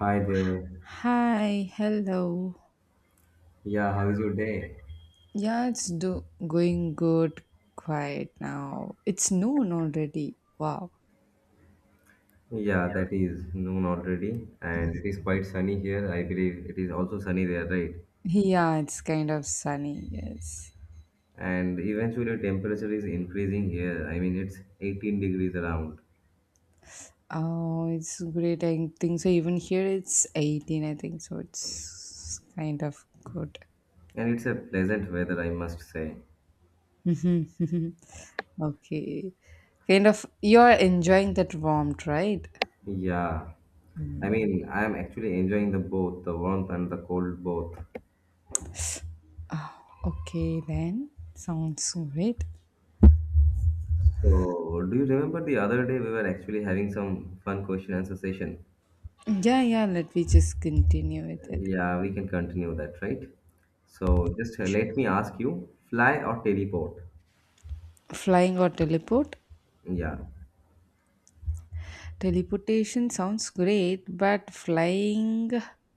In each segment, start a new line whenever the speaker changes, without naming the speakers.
Hi there.
Hi, hello.
Yeah, how is your day?
Yeah, it's do going good, quiet now. It's noon already. Wow.
Yeah, that is noon already, and it is quite sunny here. I believe it is also sunny there, right?
Yeah, it's kind of sunny, yes.
And eventually, temperature is increasing here. I mean, it's 18 degrees around,
Oh, it's great. I think so. Even here it's 18, I think so. It's kind of good.
and it's a pleasant weather, I must say.
Okay. Kind of, you're enjoying that warmth, right?
Yeah, I mean, I am actually enjoying the both, the warmth and the cold both.
Okay, then. Sounds great.
So, do you remember the other day we were actually having some fun question answer session?
Yeah, yeah, let me just continue with it.
Yeah, we can continue that, right? So just let me ask you, fly or teleport?
Flying or teleport?
Yeah.
Teleportation sounds great, but flying,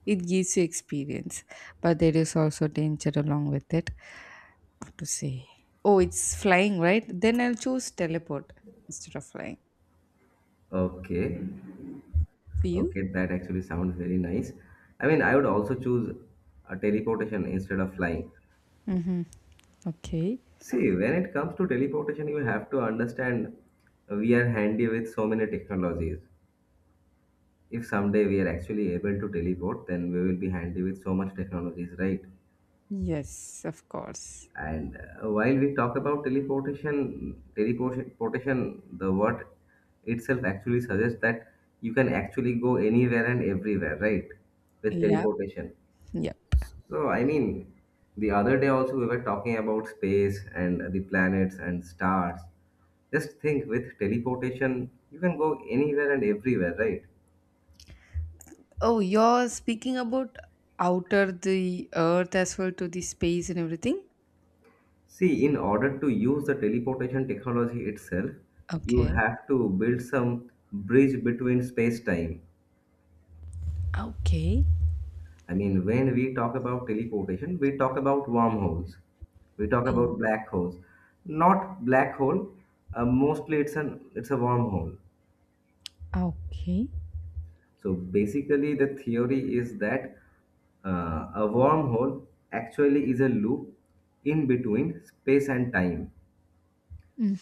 it gives you experience, but there is also danger along with it. What to say? Oh, it's flying, right? Then I'll choose teleport instead of flying.
Okay.
For you?
Okay, that actually sounds very nice. I mean, I would also choose a teleportation instead of flying.
Okay.
See, when it comes to teleportation, you have to understand we are handy with so many technologies. If someday we are actually able to teleport, then we will be handy with so much technologies, right?
Yes, of course.
And while we talk about teleportation, the word itself actually suggests that you can actually go anywhere and everywhere, right? With
Yeah.
teleportation.
Yeah.
So, I mean, the other day also we were talking about space and the planets and stars. Just think with teleportation, you can go anywhere and everywhere, right?
Oh, you're speaking about outer the earth as well, to the space and everything?
See, in order to use the teleportation technology itself, you
Okay.
have to build some bridge between space time.
Okay.
I mean, when we talk about teleportation, we talk about wormholes, we talk
Mm.
about black holes. Not black hole. Mostly, it's a wormhole.
Okay.
So basically, the theory is that a wormhole actually is a loop in between space and time.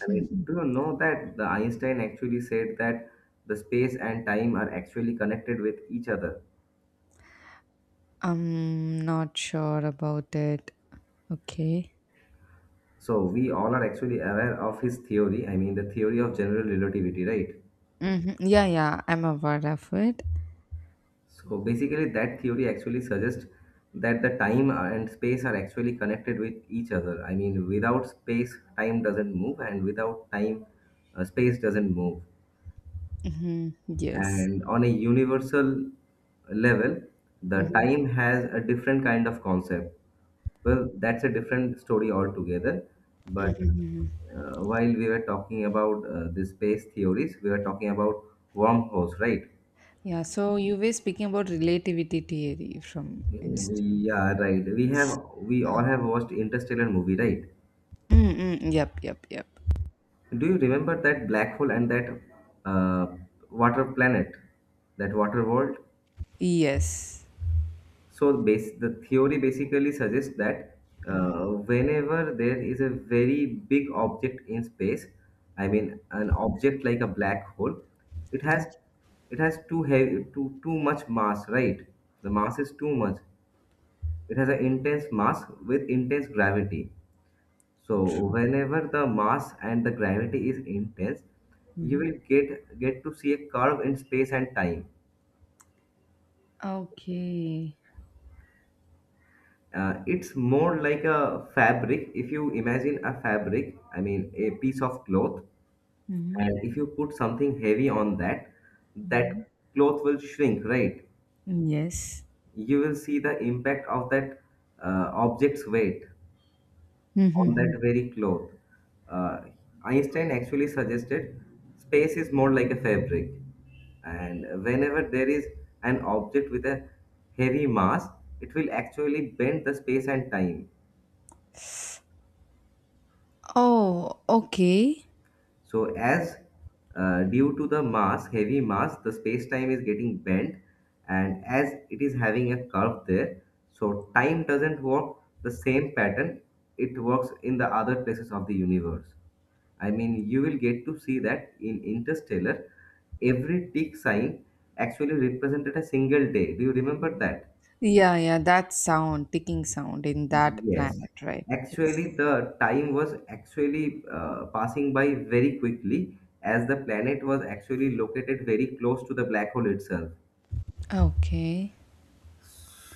I mean, do you know that the Einstein actually said that the space and time are actually connected with each other?
I'm not sure about it. Okay.
So we all are actually aware of his theory. I mean, the theory of general relativity, right?
Mhm. Yeah, yeah, I'm aware of it.
So basically, that theory actually suggests that the time and space are actually connected with each other. I mean, without space, time doesn't move, and without time, space doesn't move.
Hmm, yes.
And on a universal level, the
Mhm,
time has a different kind of concept. Well, that's a different story altogether.
mhm,
But
mhm.
while we were talking about the space theories, we were talking about wormholes, right?
Yeah, so you were speaking about relativity theory from
Yeah,
instance.
right. We all
Oh.
have watched Interstellar movie, right?
Mm-mm. Yep, yep, yep.
Do you remember that black hole and that uh, water planet, that water world?
Yes.
So base the theory basically suggests that
Mm-hmm.
uh, whenever there is a very big object in space, I mean an object like a black hole, it
Okay.
has it has too heavy too much mass, right? The mass is too much. It has an intense mass with intense gravity. So
True.
whenever the mass and the gravity is intense, you
Hmm.
will get to see a curve in space and time.
Okay.
It's more like a fabric. If you imagine a fabric, I mean a piece of cloth,
Mm-hmm.
and if you put something heavy on that,
Mm-hmm.
that cloth will shrink, right?
Yes.
You will see the impact of that object's weight on
Mm-hmm.
that very cloth. Uh, Einstein actually suggested space is more like a fabric, and whenever there is an object with a heavy mass, it will actually bend the space and time.
Oh, okay.
So as due to the mass, heavy mass, the space-time is getting bent, and as it is having a curve there, so time doesn't work the same pattern it works in the other places of the universe. I mean, you will get to see that in Interstellar, every tick sign actually represented a single day. Do you remember that?
Yeah, yeah, that sound, ticking sound in that
Yes,
planet, right? Yes.
actually, the time was actually passing by very quickly as the planet was actually located very close to the black hole itself.
Okay.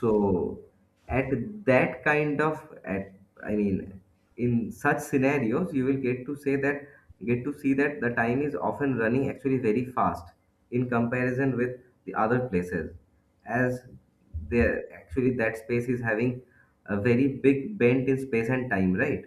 So at that kind of at I mean, in such scenarios you will get to see that the time is often running actually very fast in comparison with the other places, as there actually that space is having a very big bend in space and time, right.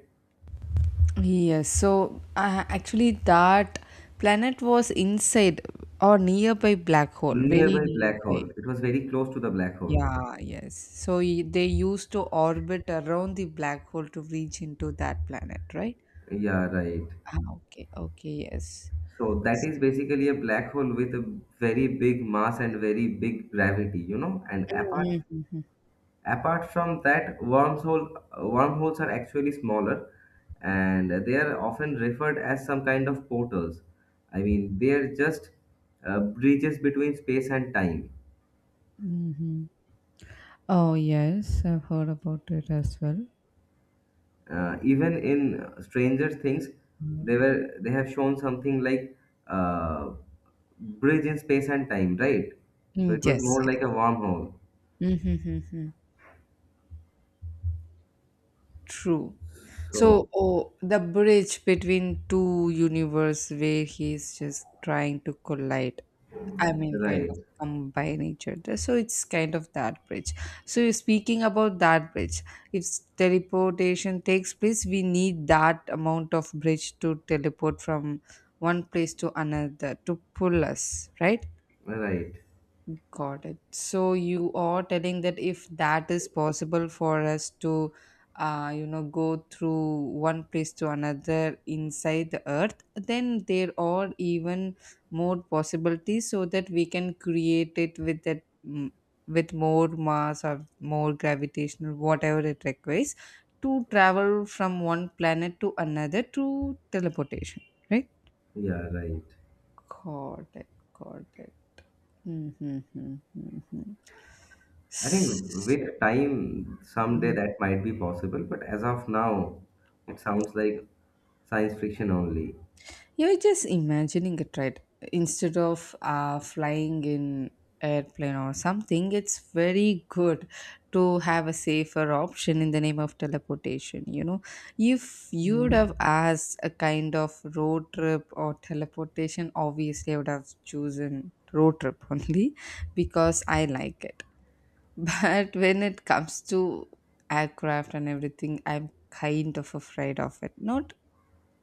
Yes, so actually, that planet was inside or nearby black hole, very
Nearby black
nearby.
hole, it was very close to the black hole.
Yeah, yes. So they used to orbit around the black hole to reach into that planet, right?
Yeah, right.
Ah, okay, okay, yes.
So that is basically a black hole with a very big mass and very big gravity. And
Mhm.
apart from that, wormholes are actually smaller, and they are often referred as some kind of portals. I mean, they are just bridges between space and time.
Hmm. Oh, yes, I've heard about it as well.
Even in Stranger Things, they have shown something like uh, bridge in space and time, right? So
Mm,
it was
yes,
more
yes.
like a wormhole.
Mhm. True. So,
So
oh, the bridge between two universe where he's just trying to collide. I mean, kind
right,
of combine each other. So it's kind of that bridge. So you're speaking about that bridge. If teleportation takes place, we need that amount of bridge to teleport from one place to another to pull us, right?
right.
Got it. So you are telling that if that is possible for us to, you know, go through one place to another inside the earth, then there are even more possibilities so that we can create it with that, mm, with more mass or more gravitational, whatever it requires, to travel from one planet to another through teleportation, right?
Yeah, right.
Got it. Got it. Mhm, mhm, mhm.
I think
So,
with time, someday
mhm.
that might be possible, but as of now, it sounds like science fiction only.
You're just imagining it, right? Instead of flying in airplane or something, it's very good to have a safer option in the name of teleportation. You know, if you would have asked a kind of road trip or teleportation, obviously I would have chosen road trip only because I like it. But when it comes to aircraft and everything, I'm kind of afraid of it. Not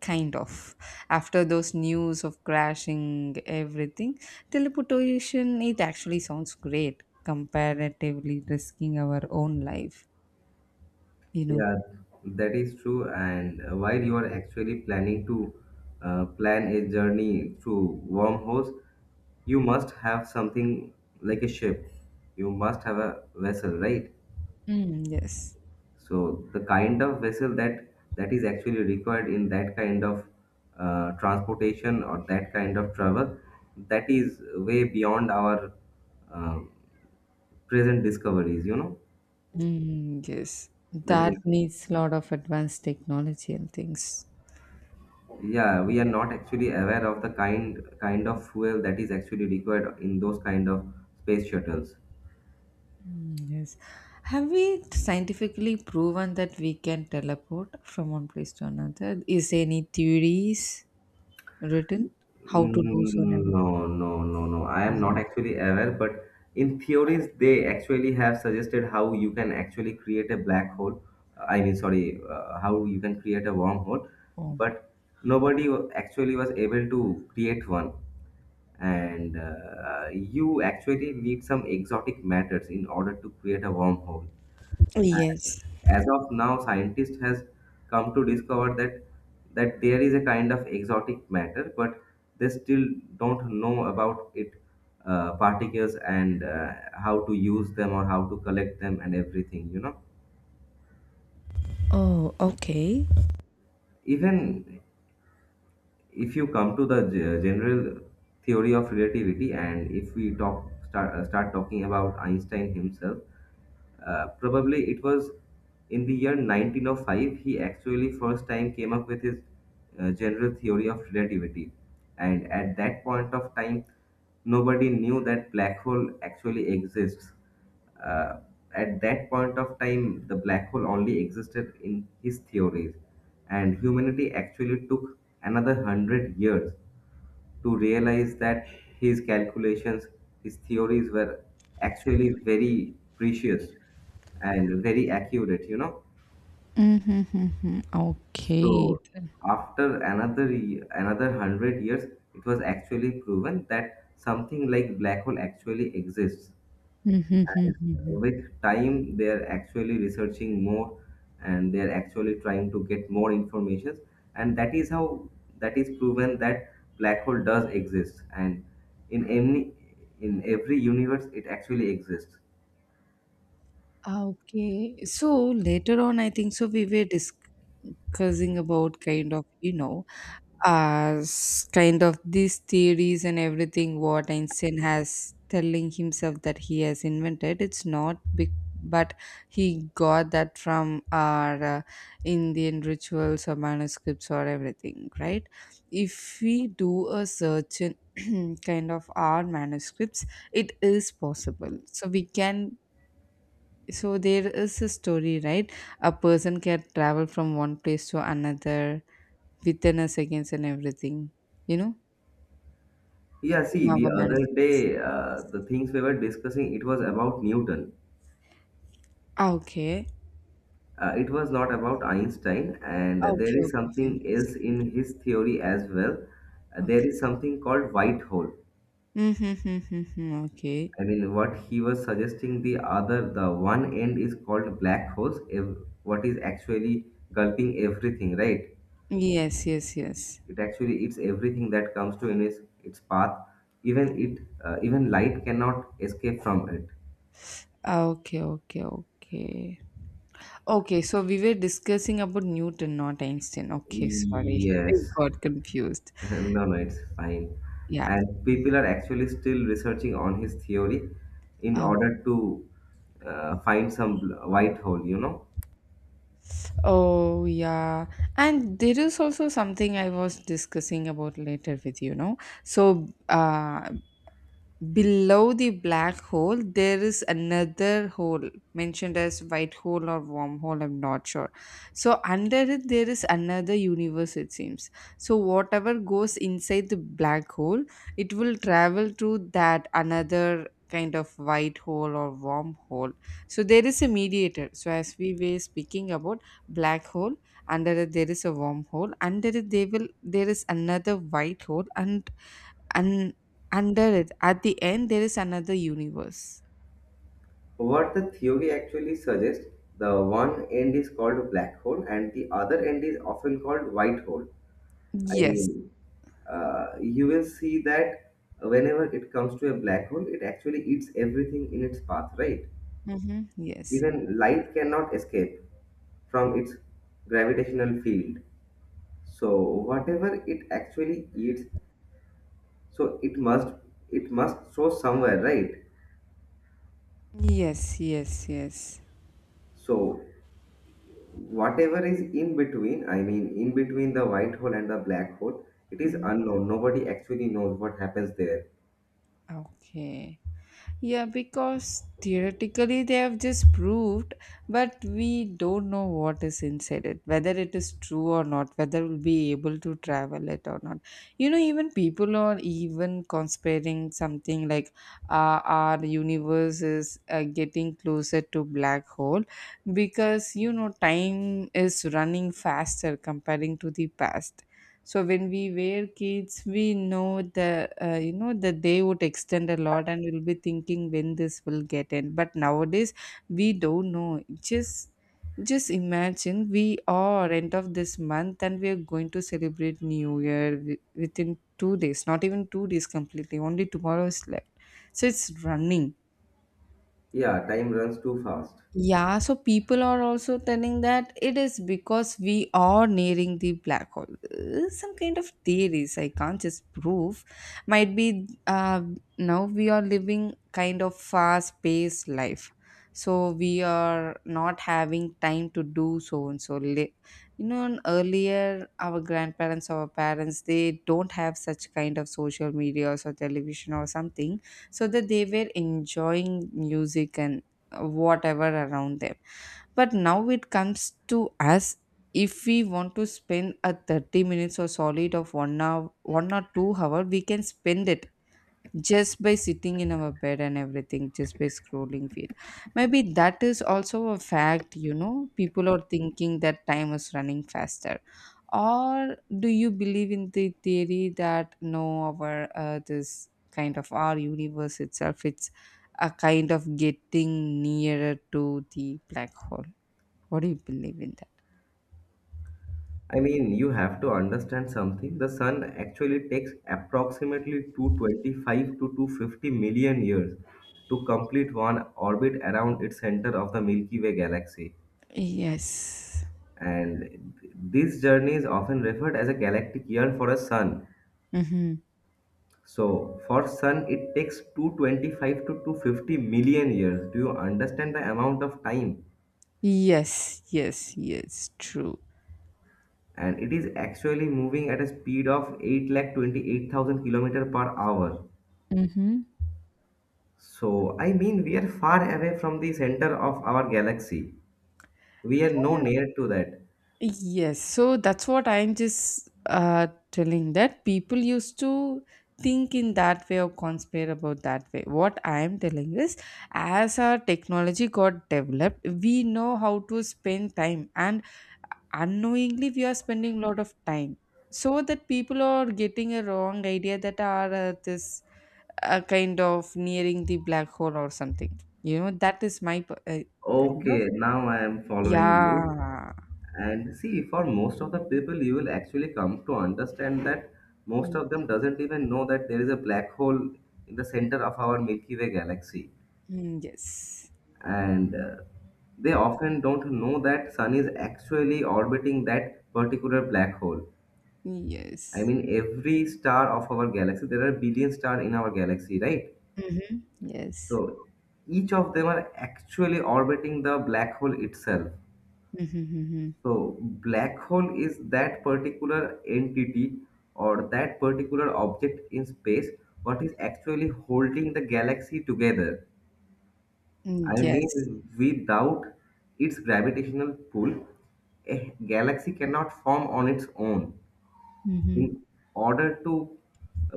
kind of. After those news of crashing everything, teleportation, it actually sounds great, comparatively risking our own life, you know.
Yeah, that is true. And while you are actually planning to plan a journey through wormholes, you must have something like a ship. You must have a vessel, right?
Mm, yes.
So the kind of vessel that is actually required in that kind of transportation or that kind of travel, that is way beyond our uh, present discoveries. You know,
Mm, yes.
that
That
is
needs a lot of advanced technology and things.
yeah, we are not actually aware of the kind of fuel that is actually required in those kind of space shuttles.
Mm, yes. Have we scientifically proven that we can teleport from one place to another? Is there any theories written? How to do so and
Mm,
everything?
no, no, no, no. I am not
No.
actually aware, but in theories, they actually have suggested how you can actually create a black hole. I mean, sorry, how you can create a wormhole,
Oh,
but actually was able to create one. And you actually need some exotic matters in order to create a wormhole.
yes.
As of now, scientists has come to discover that there is a kind of exotic matter, but they still don't know about it particles and how to use them or how to collect them and everything.
Oh, okay.
Even if you come to the general theory of relativity, and if we start talking about Einstein himself. Probably it was in the year 1905 he actually first time came up with his general theory of relativity. And at that point of time, nobody knew that black hole actually exists. Uh, at that point of time, the black hole only existed in his theories, and humanity actually took another hundred years to realize that his calculations, his theories were actually very precious and very accurate.
Mm-hmm, okay,
So
then.
after another hundred years, it was actually proven that something like black hole actually exists.
Mhm.
With time they are actually researching more, and they are actually trying to get more information, and that is how that is proven that black hole does exist and in any in every universe it actually exists.
Okay. So later on, I think so we were discussing about kind of, you know, as kind of these theories and everything what Einstein has telling himself that he has invented. It's not big, but he got that from our Indian rituals or manuscripts or everything, right? If we do a search in kind of our manuscripts, it is possible. So we can. So there is a story, right? A person can travel from one place to another within a seconds and everything, you know,
Yeah, see,
in
the
our
other
manuscripts.
day the things we were discussing, it was about Newton.
Ah, okay.
It was not about Einstein, and there
Okay,
is
okay,
something
okay.
else in his theory as well. There is
Okay.
something called white hole.
Mm-hmm, mm-hmm, mm-hmm, okay.
I mean, what he was suggesting, the one end is called black holes. What is actually gulping everything, right?
Yes, yes, yes.
It actually eats everything that comes to in its path. Even it, Even light cannot escape from it.
Ah, okay, okay, okay. Okay, so we were discussing about Newton, not Einstein. Okay, sorry. I
Yes.
got confused.
No, no, it's fine.
Yeah.
And people are actually still researching on his theory in
Oh,
order to find some white hole?
oh, yeah. And there is also something I was discussing about later with you, know. So, below the black hole there is another hole mentioned as white hole or wormhole, I'm not sure. So under it there is another universe, it seems. So whatever goes inside the black hole, it will travel through that another kind of white hole or wormhole. So there is a mediator, so as we were speaking about black hole, under it there is a wormhole, under it they will there is another white hole, and under it, at the end, there is another universe.
What the theory actually suggests, the one end is called black hole and the other end is often called white hole. I
Yes.
mean, you will see that whenever it comes to a black hole, it actually eats everything in its path, right?
Mm-hmm. Yes.
Even light cannot escape from its gravitational field. So whatever it actually eats, so it must show somewhere, right?
Yes. Yes. Yes.
So whatever is in between, I mean, in between the white hole and the black hole, it is
Mhm.
unknown. Nobody actually knows what happens there.
Okay. Yeah, because theoretically they have just proved, but we don't know what is inside it, whether it is true or not, whether we'll be able to travel it or not. You know, even people are even conspiring something like our universe is getting closer to black hole, because you know time is running faster comparing to the past. So when we were kids we know the you know, that they would extend a lot and we'll be thinking when this will get end. But nowadays we don't know, just just imagine, we are end of this month and we are going to celebrate new year within 2 days, not even 2 days completely, only tomorrow is left. So it's running.
Yeah, time runs too fast.
Yeah, so people are also telling that it is because we are nearing the black hole. Some kind of theories I can't just prove. Might be now we are living kind of fast paced life. So we are not having time to do so and so. You know, and earlier our grandparents, our parents, they don't have such kind of social media or television or something, so that they were enjoying music and whatever around them, but now it comes to us, if we want to spend a 30 minutes or solid of 1 hour, 1 or 2 hour we can spend it just by sitting in our bed and everything, just by scrolling feed. Maybe that is also a fact, you know, people are thinking that time is running faster. Or do you believe in the theory that no, our this kind of our universe itself, it's a kind of getting nearer to the black hole? What do you believe in that?
I mean, you have to understand something. The sun actually takes approximately 225 to 250 million years to complete one orbit around its center of the Milky Way galaxy,
Yes.
and this journey is often referred as a galactic year for a sun.
Mm-hmm.
So for sun, it takes 225 to 250 million years. Do you understand the amount of time?
Yes, yes, yes, true.
And it is actually moving at a speed of 8 lakh 28,000 kilometer per hour.
Mm-hmm.
So I mean, we are far away from the center of our galaxy. We are no near to that.
Yes, so that's what I'm just telling, that people used to think in that way or conspire about that way. What I'm telling is, as our technology got developed, we know how to spend time, and unknowingly, we are spending a lot of time. So that people are getting a wrong idea that are this kind of nearing the black hole or something. You know, that is my kind of,
Okay, now I am following you.
yeah.
And see, for most of the people, you will actually come to understand that most
Mm,
of them doesn't even know that there is a black hole in the center of our Milky Way galaxy.
mm, yes.
And they often don't know that sun is actually orbiting that particular black hole. I
Yes.
mean, every star of our galaxy, there are billion stars in our galaxy, right?
Mhm. Yes.
So each of them are actually orbiting the black hole itself.
Mhm, mhm.
So, black hole is that particular entity or that particular object in space what is actually holding the galaxy together.
Mm,
I
yes.
mean, without its gravitational pull, a galaxy cannot form on its own.
Mhm.
In order to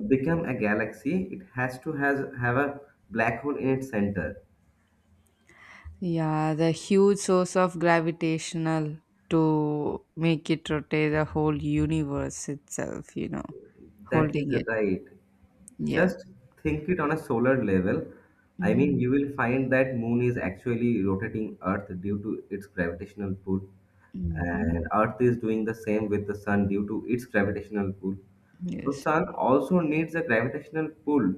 become a galaxy, it has to have a black hole in its center.
Yeah, the huge source of gravitational to make it rotate the whole universe itself, you know,
That is
holding it.
right.
Yeah.
Just think it on a solar level. I mean,
Mhm,
you will find that moon is actually rotating Earth due to its gravitational pull,
mhm.
and Earth is doing the same with the sun due to its gravitational pull. So
Yes.
sun also needs a gravitational pull,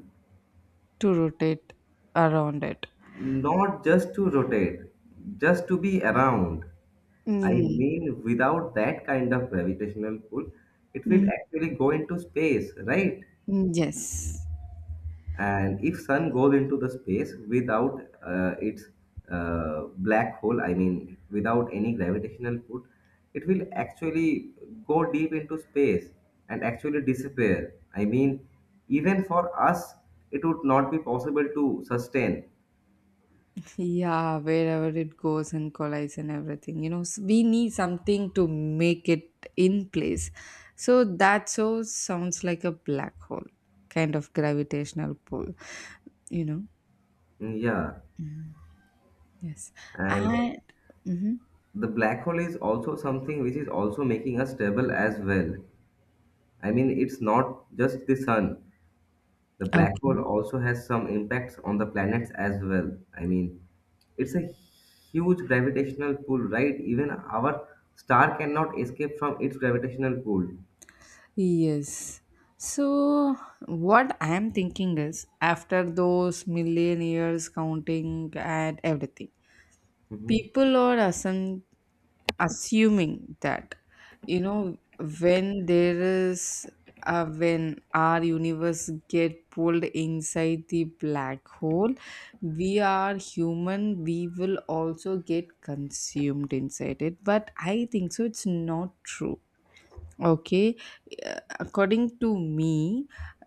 To rotate around it.
not just to rotate, just to be around. I
Mm.
mean, without that kind of gravitational pull, it will
Mhm.
actually go into space, right?
Yes.
And if sun goes into the space without its black hole, I mean without any gravitational pull, it will actually go deep into space and actually disappear. I mean, even for us it would not be possible to sustain.
Yeah, wherever it goes and collides and everything, you know, we need something to make it in place. So that, so sounds like a black hole, kind of gravitational pull, you know.
Mm, yeah,
Yes,
and
and mhm.
the black hole is also something which is also making us stable as well. I mean, it's not just the sun. The black hole
Okay,
also has some impacts on the planets as well. I mean, it's a huge gravitational pull, right? Even our star cannot escape from its gravitational pull.
yes. So what I am thinking is, after those million years counting and everything,
Mhm.
people are assumptive assuming that, you know, when there is when our universe get pulled inside the black hole, we are human, we will also get consumed inside it, but I think so it's not true. Okay. According to me,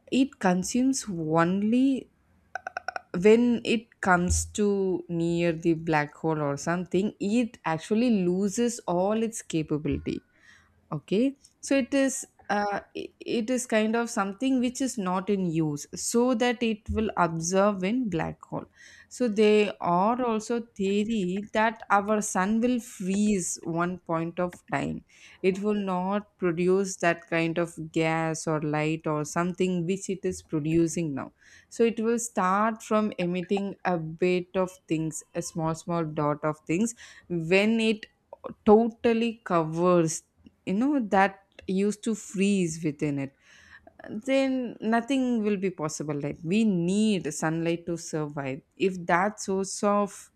it consumes only when it comes to near the black hole or something, it actually loses all its capability. Okay. So it is uh, i- it is kind of something which is not in use, so that it will observe in black hole. So they are also theory that our sun will freeze one point of time, it will not produce that kind of gas or light or something which it is producing now. So it will start from emitting a bit of things, a small small dot of things. When it totally covers, you know, that used to freeze within it, then nothing will be possible, like we need sunlight to survive. If that source of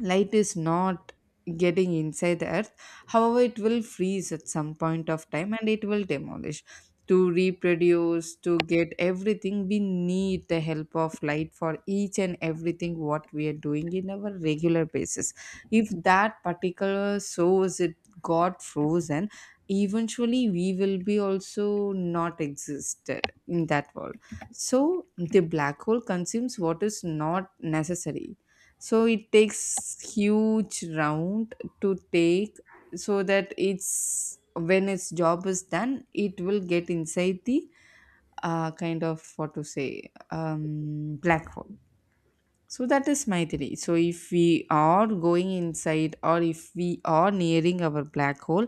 light is not getting inside the earth, however it will freeze at some point of time and it will demolish. To reproduce, to get everything, we need the help of light for each and everything what we are doing in our regular basis. If that particular source it got frozen, eventually we will be also not existed in that world. So the black hole consumes what is not necessary, so it takes huge round to take, so that it's when its job is done, it will get inside the kind of what to say, black hole. So that is my theory. So if we are going inside or if we are nearing our black hole,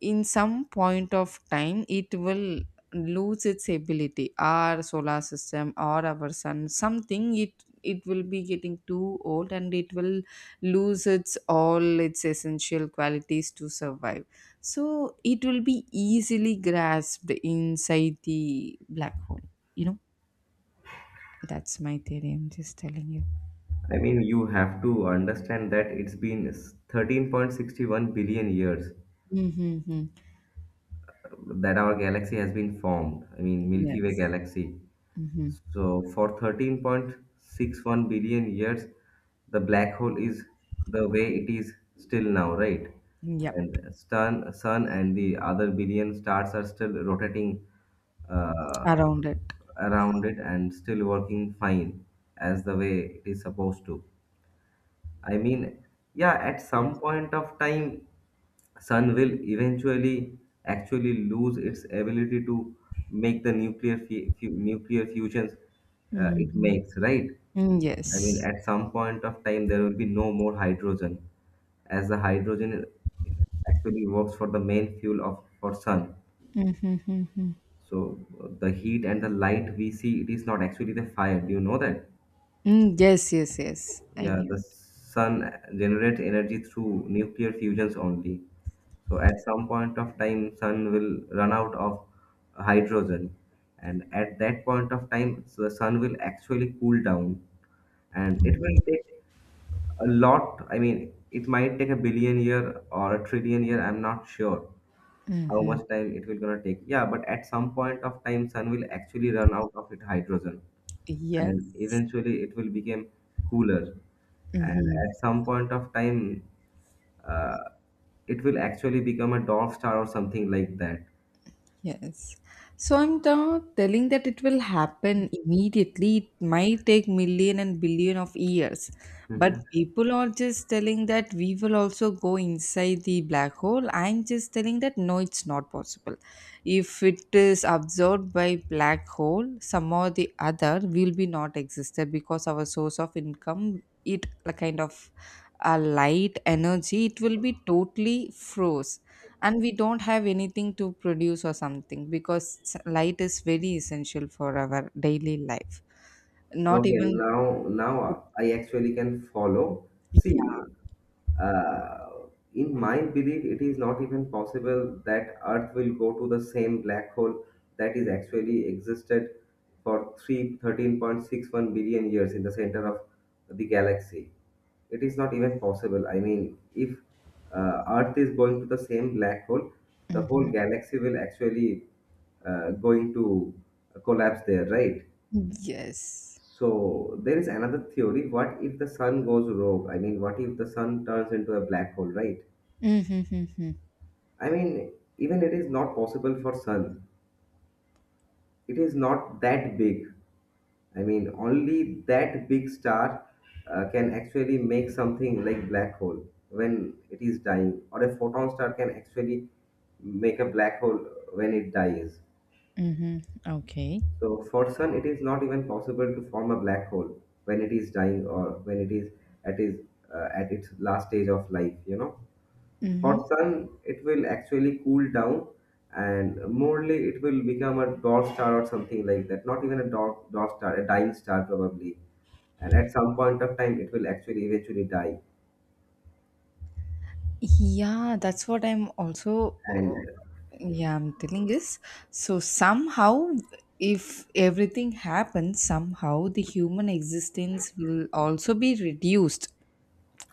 in some point of time it will lose its ability our solar system or our sun something it will be getting too old and it will lose its all its essential qualities to survive so it will be easily grasped inside the black hole you know that's my theory, I'm just telling you.
I mean, you have to understand that it's been 13.61 billion years
Mm-hmm.
that our galaxy has been formed, I mean Milky Way
Yes.
galaxy.
Mm-hmm.
So for 13.61 billion years, the black hole is the way it is still now, right?
Yep.
And sun and the other billion stars are still rotating uh,
Around it.
around it and still working fine as the way it is supposed to. I mean, yeah, at some point of time, sun will eventually actually lose its ability to make the nuclear fusions it
Mm-hmm.
makes, right? I mean,
Yes.
at some point of time, there will be no more hydrogen, as the hydrogen actually works for the main fuel of for sun.
Mm-hmm.
So the heat and the light we see, it is not actually the fire. Do you know that?
Mm, yes, yes, yes. I
Yeah,
knew.
the sun generates energy through nuclear fusions only. So at some point of time, sun will run out of hydrogen, and at that point of time, so the sun will actually cool down, and it will take a lot. I mean, it might take a billion year or a trillion year. I'm not sure how
Hmm.
much time it will gonna take. Yeah, but at some point of time, sun will actually run out of its hydrogen and
Yes.
eventually it will become cooler, and
Hmm.
at some point of time uh, it will actually become a dwarf star or something like that.
Yes. So I'm not telling that it will happen immediately. It might take million and billion of years. But
Hmm.
people are just telling that we will also go inside the black hole. I'm just telling that no, it's not possible. If it is absorbed by black hole, some or the other will be not existed because our source of income, it a kind of a light energy, it will be totally froze and we don't have anything to produce or something because light is very essential for our daily life, not
Okay,
even
now
food.
I actually can follow. See,
Yeah.
uh, in my belief it is not even possible that Earth will go to the same black hole that is actually existed for three 13.61 billion years in the center of the galaxy. It is not even possible. I mean, if Earth is going to the same black hole, the
Mm-hmm.
whole galaxy will actually going to collapse there, right?
Yes.
So there is another theory. What if the sun goes rogue? I mean, what if the sun turns into a black hole, right?
Mm-hmm.
I mean, even it is not possible for sun. It is not that big. I mean, only that big star can actually make something like black hole when it is dying, or a photon star can actually make a black hole when it dies.
Mm-hmm. Okay.
So for sun, it is not even possible to form a black hole when it is dying or when it is at its at its last stage of life. You know, for
Hmm.
sun, it will actually cool down, and morely it will become a dwarf star or something like that. Not even a dwarf, dwarf star, a dying star probably, and at some point of time it will actually eventually die.
Yeah, that's what I'm also,
And
yeah, I'm telling is, so somehow, if everything happens, somehow the human existence will also be reduced.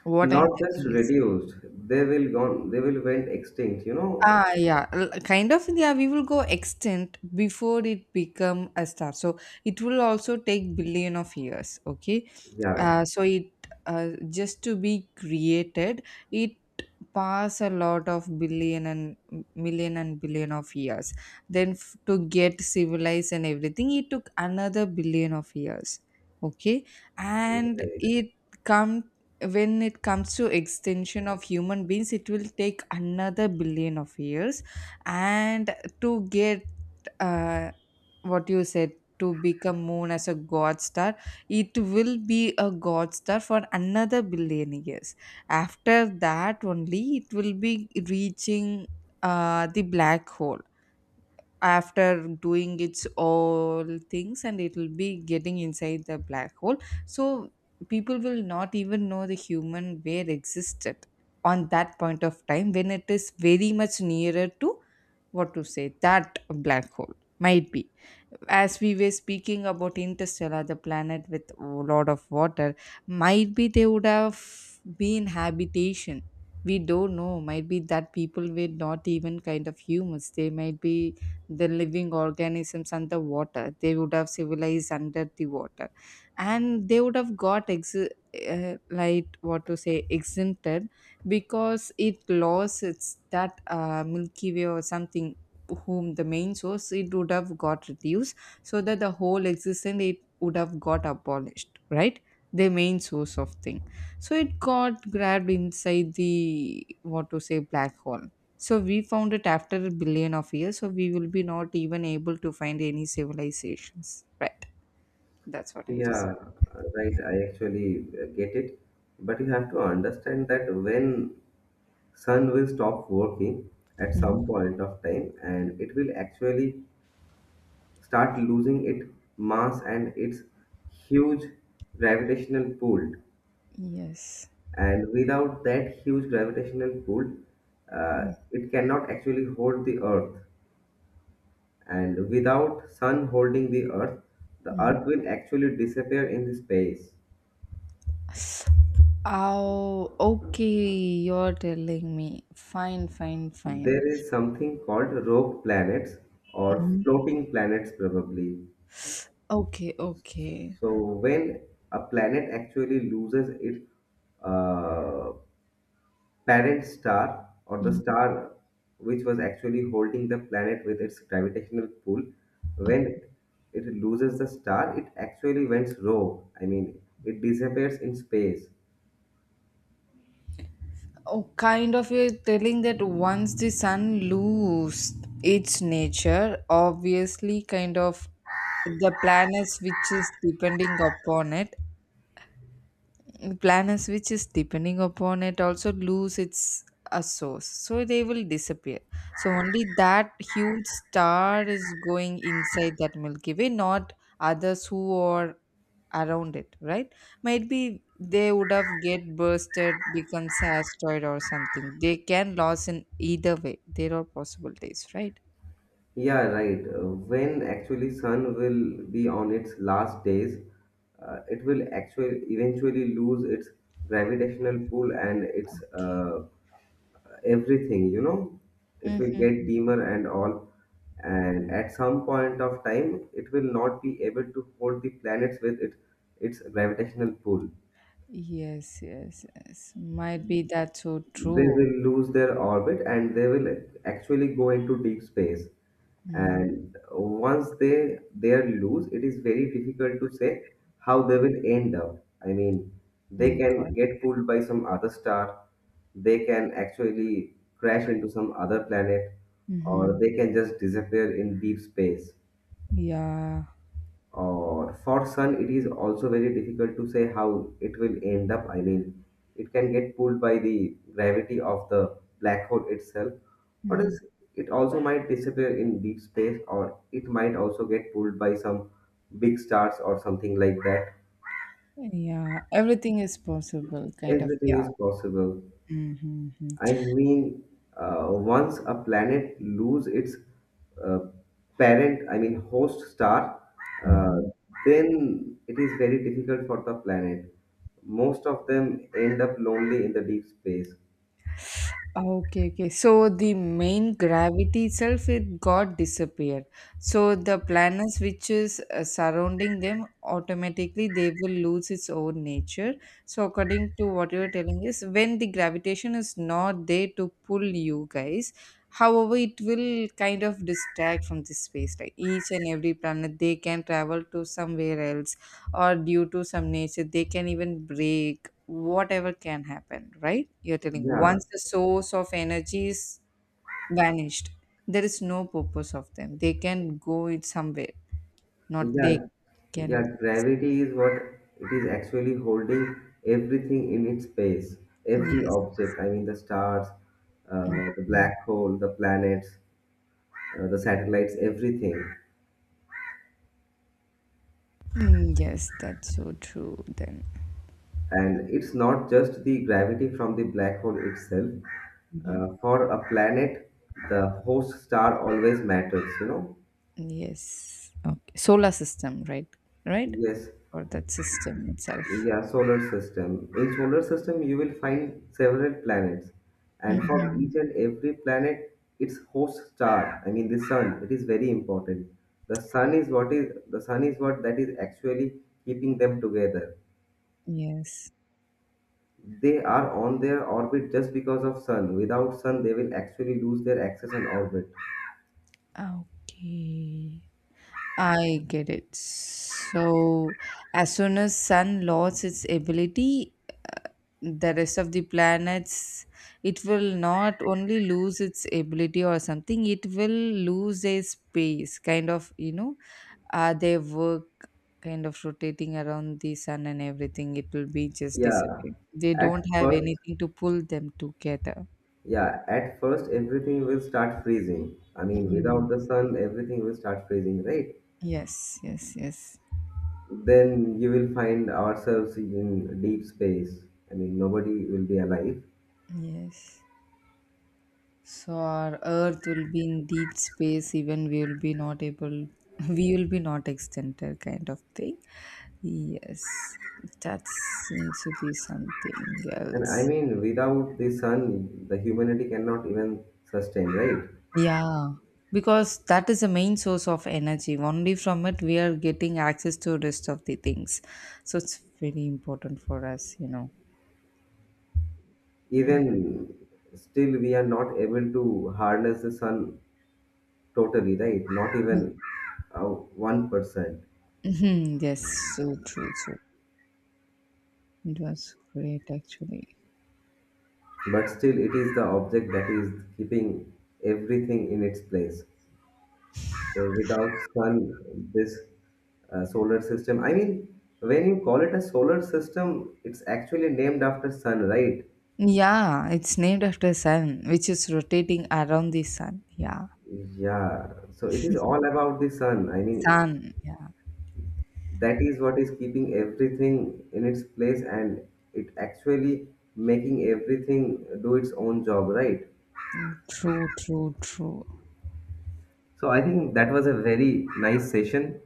What
not
I'm
just
telling is.
reduced, they will gone, they will went extinct, you know.
Ah, yeah, kind of. Yeah, we will go extinct before it become a star. So it will also take billion of years. Okay,
Yeah.
so it, just to be created, it pass a lot of billion and million and billion of years. Then to get civilized and everything, it took another billion of years. Okay, and
Right.
it come when it comes to extension of human beings it will take another billion of years and to get, uh, what you said, to become moon as a god star, it will be a god star for another billion years. After that only it will be reaching, the black hole, after doing its all things and it will be getting inside the black hole. So people will not even know the human where existed on that point of time when it is very much nearer to what to say that black hole. Might be, as we were speaking about interstellar, the planet with a lot of water, might be they would have been habitation. We don't know, might be that people were not even kind of humans, they might be the living organisms under water, they would have civilized under the water, and they would have got like what to say exempted, because it lost its that, milky way or something, whom the main source it would have got reduced, so that the whole existence it would have got abolished, right? The main source of thing, so it got grabbed inside the what to say black hole. So we found it after a billion of years, so we will be not even able to find any civilizations, right? That's what I'm just
Yeah, right, I actually get it, but you have to understand that when sun will stop working at some
saying.
point of time, and it will actually start losing its mass and its huge gravitational pull.
Yes.
And without that huge gravitational pull, it cannot actually hold the earth, and without sun holding the earth, the earth will actually disappear in the space.
Oh, okay. You're telling me. Fine, fine, fine.
There is something called rogue planets or
Mhm.
floating planets probably.
Okay, okay.
So when a planet actually loses its uh, parent star, or the star which was actually holding the planet with its gravitational pull, when it loses the star it actually went rogue, I mean it disappears in space.
Oh, kind of you're telling that once the sun lose its nature, obviously, kind of the planets which is depending upon it the planets which is depending upon it also lose its a source so they will disappear. So only that huge star is going inside that milky way, not others who are around it, right? Might be they would have get bursted becomes asteroid or something, they can lose in either way, there are possibilities, right?
Yeah, right. When actually sun will be on its last days, it will actually eventually lose its gravitational pull and its
Okay.
everything, you know. It will get
Mm-hmm.
dimmer and all. And at some point of time, it will not be able to hold the planets with it, its gravitational pull.
Yes, yes, yes, might be that so
They
true.
will lose their orbit and they will actually go into deep space, and once they are loose it is very difficult to say how they will end up. I mean, they
Mm-hmm.
can get pulled by some other star, they can actually crash into some other planet, or they can just disappear in deep space.
Yeah.
Or for sun, it is also very difficult to say how it will end up. I mean, it can get pulled by the gravity of the black hole itself, or
Mhm.
else it also might disappear in deep space, or it might also get pulled by some big stars or something like that.
Yeah. Everything is possible, kind of.
Everything
Yeah.
is possible.
Mm-hmm.
I mean, once a planet lose its uh, parent, I mean host star, uh,
Mhm.
then it is very difficult for the planet. Most of them end up lonely in the deep space.
Okay, okay. So the main gravity itself it got disappeared. So the planets which is, surrounding them automatically they will lose its own nature. So according to what you're telling is when the gravitation is not there to pull you guys, however it will kind of distract from the space. Like each and every planet they can travel to somewhere else or due to some nature they can even break, whatever can happen, right? You're telling
Yeah,
once the source of energy is vanished, there is no purpose of them. They can go it somewhere, not they
yeah,
can.
yeah. Gravity is what it is actually holding everything in its space. Every
Yes.
object, I mean the stars, uh, the
Mhm.
black hole, the planets, the satellites, everything.
Mm, yes, that's so true then.
And it's not just the gravity from the black hole itself.
Mhm.
For a planet, the host star always matters, you know?
Yes. Okay. Solar system, right? Right?
Yes,
Or that system itself.
yeah, solar system. In solar system, you will find several planets. And for
Hmm.
each and every planet, its host star, I mean the sun, it is very important. The sun is what is the sun is what that is actually keeping them together.
Yes.
They are on their orbit just because of sun. Without sun, they will actually lose their axis and orbit.
Ah, okay. I get it. So, as soon as sun lost its ability, uh, the rest of the planets, it will not only lose its ability or something, it will lose a space, kind of, you know, their work kind of rotating around the sun and everything. It will be just
Yeah.
disappearing. They
At
don't have
first,
anything to pull them together.
yeah, at first everything will start freezing. I mean,
Mm.
without the sun, everything will start freezing, right?
Yes, yes, yes,
Then you will find ourselves in deep space. I mean, nobody will be alive.
yes. So our Earth will be in deep space, even we will be not able, we will be not extended, kind of thing. Yes, that seems to be something
And I
else.
mean, without the sun, the humanity cannot even sustain, right?
Yeah, because that is the main source of energy. Only from it we are getting access to rest of the things. So it's very important for us, you know.
Even still, we are not able to harness the sun totally right, not
Mm,
even 1%.
mhm, yes, so true. So it was great actually.
But still, it is the object that is keeping everything in its place. So without sun, this solar system, I mean, when you call it a solar system, it's actually named after sun, right?
Yeah, it's named after sun, which is rotating around the sun. Yeah,
Yeah, so it is all about the sun. I mean,
sun. Yeah,
that is what is keeping everything in its place and it actually making everything do its own job, right?
true, true, true.
So I think that was a very nice session.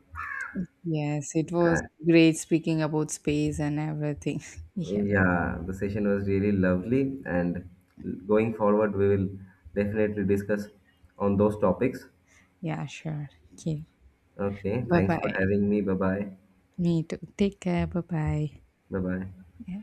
Yes, it was
Uh,
great speaking about space and everything. Yeah,
yeah, the session was really lovely, and going forward, we will definitely discuss on those topics.
yeah, sure. Okay,
Okay,
bye
thanks for
bye.
having me. Bye bye.
Me too. Take care. Bye bye.
Bye bye.
Yeah.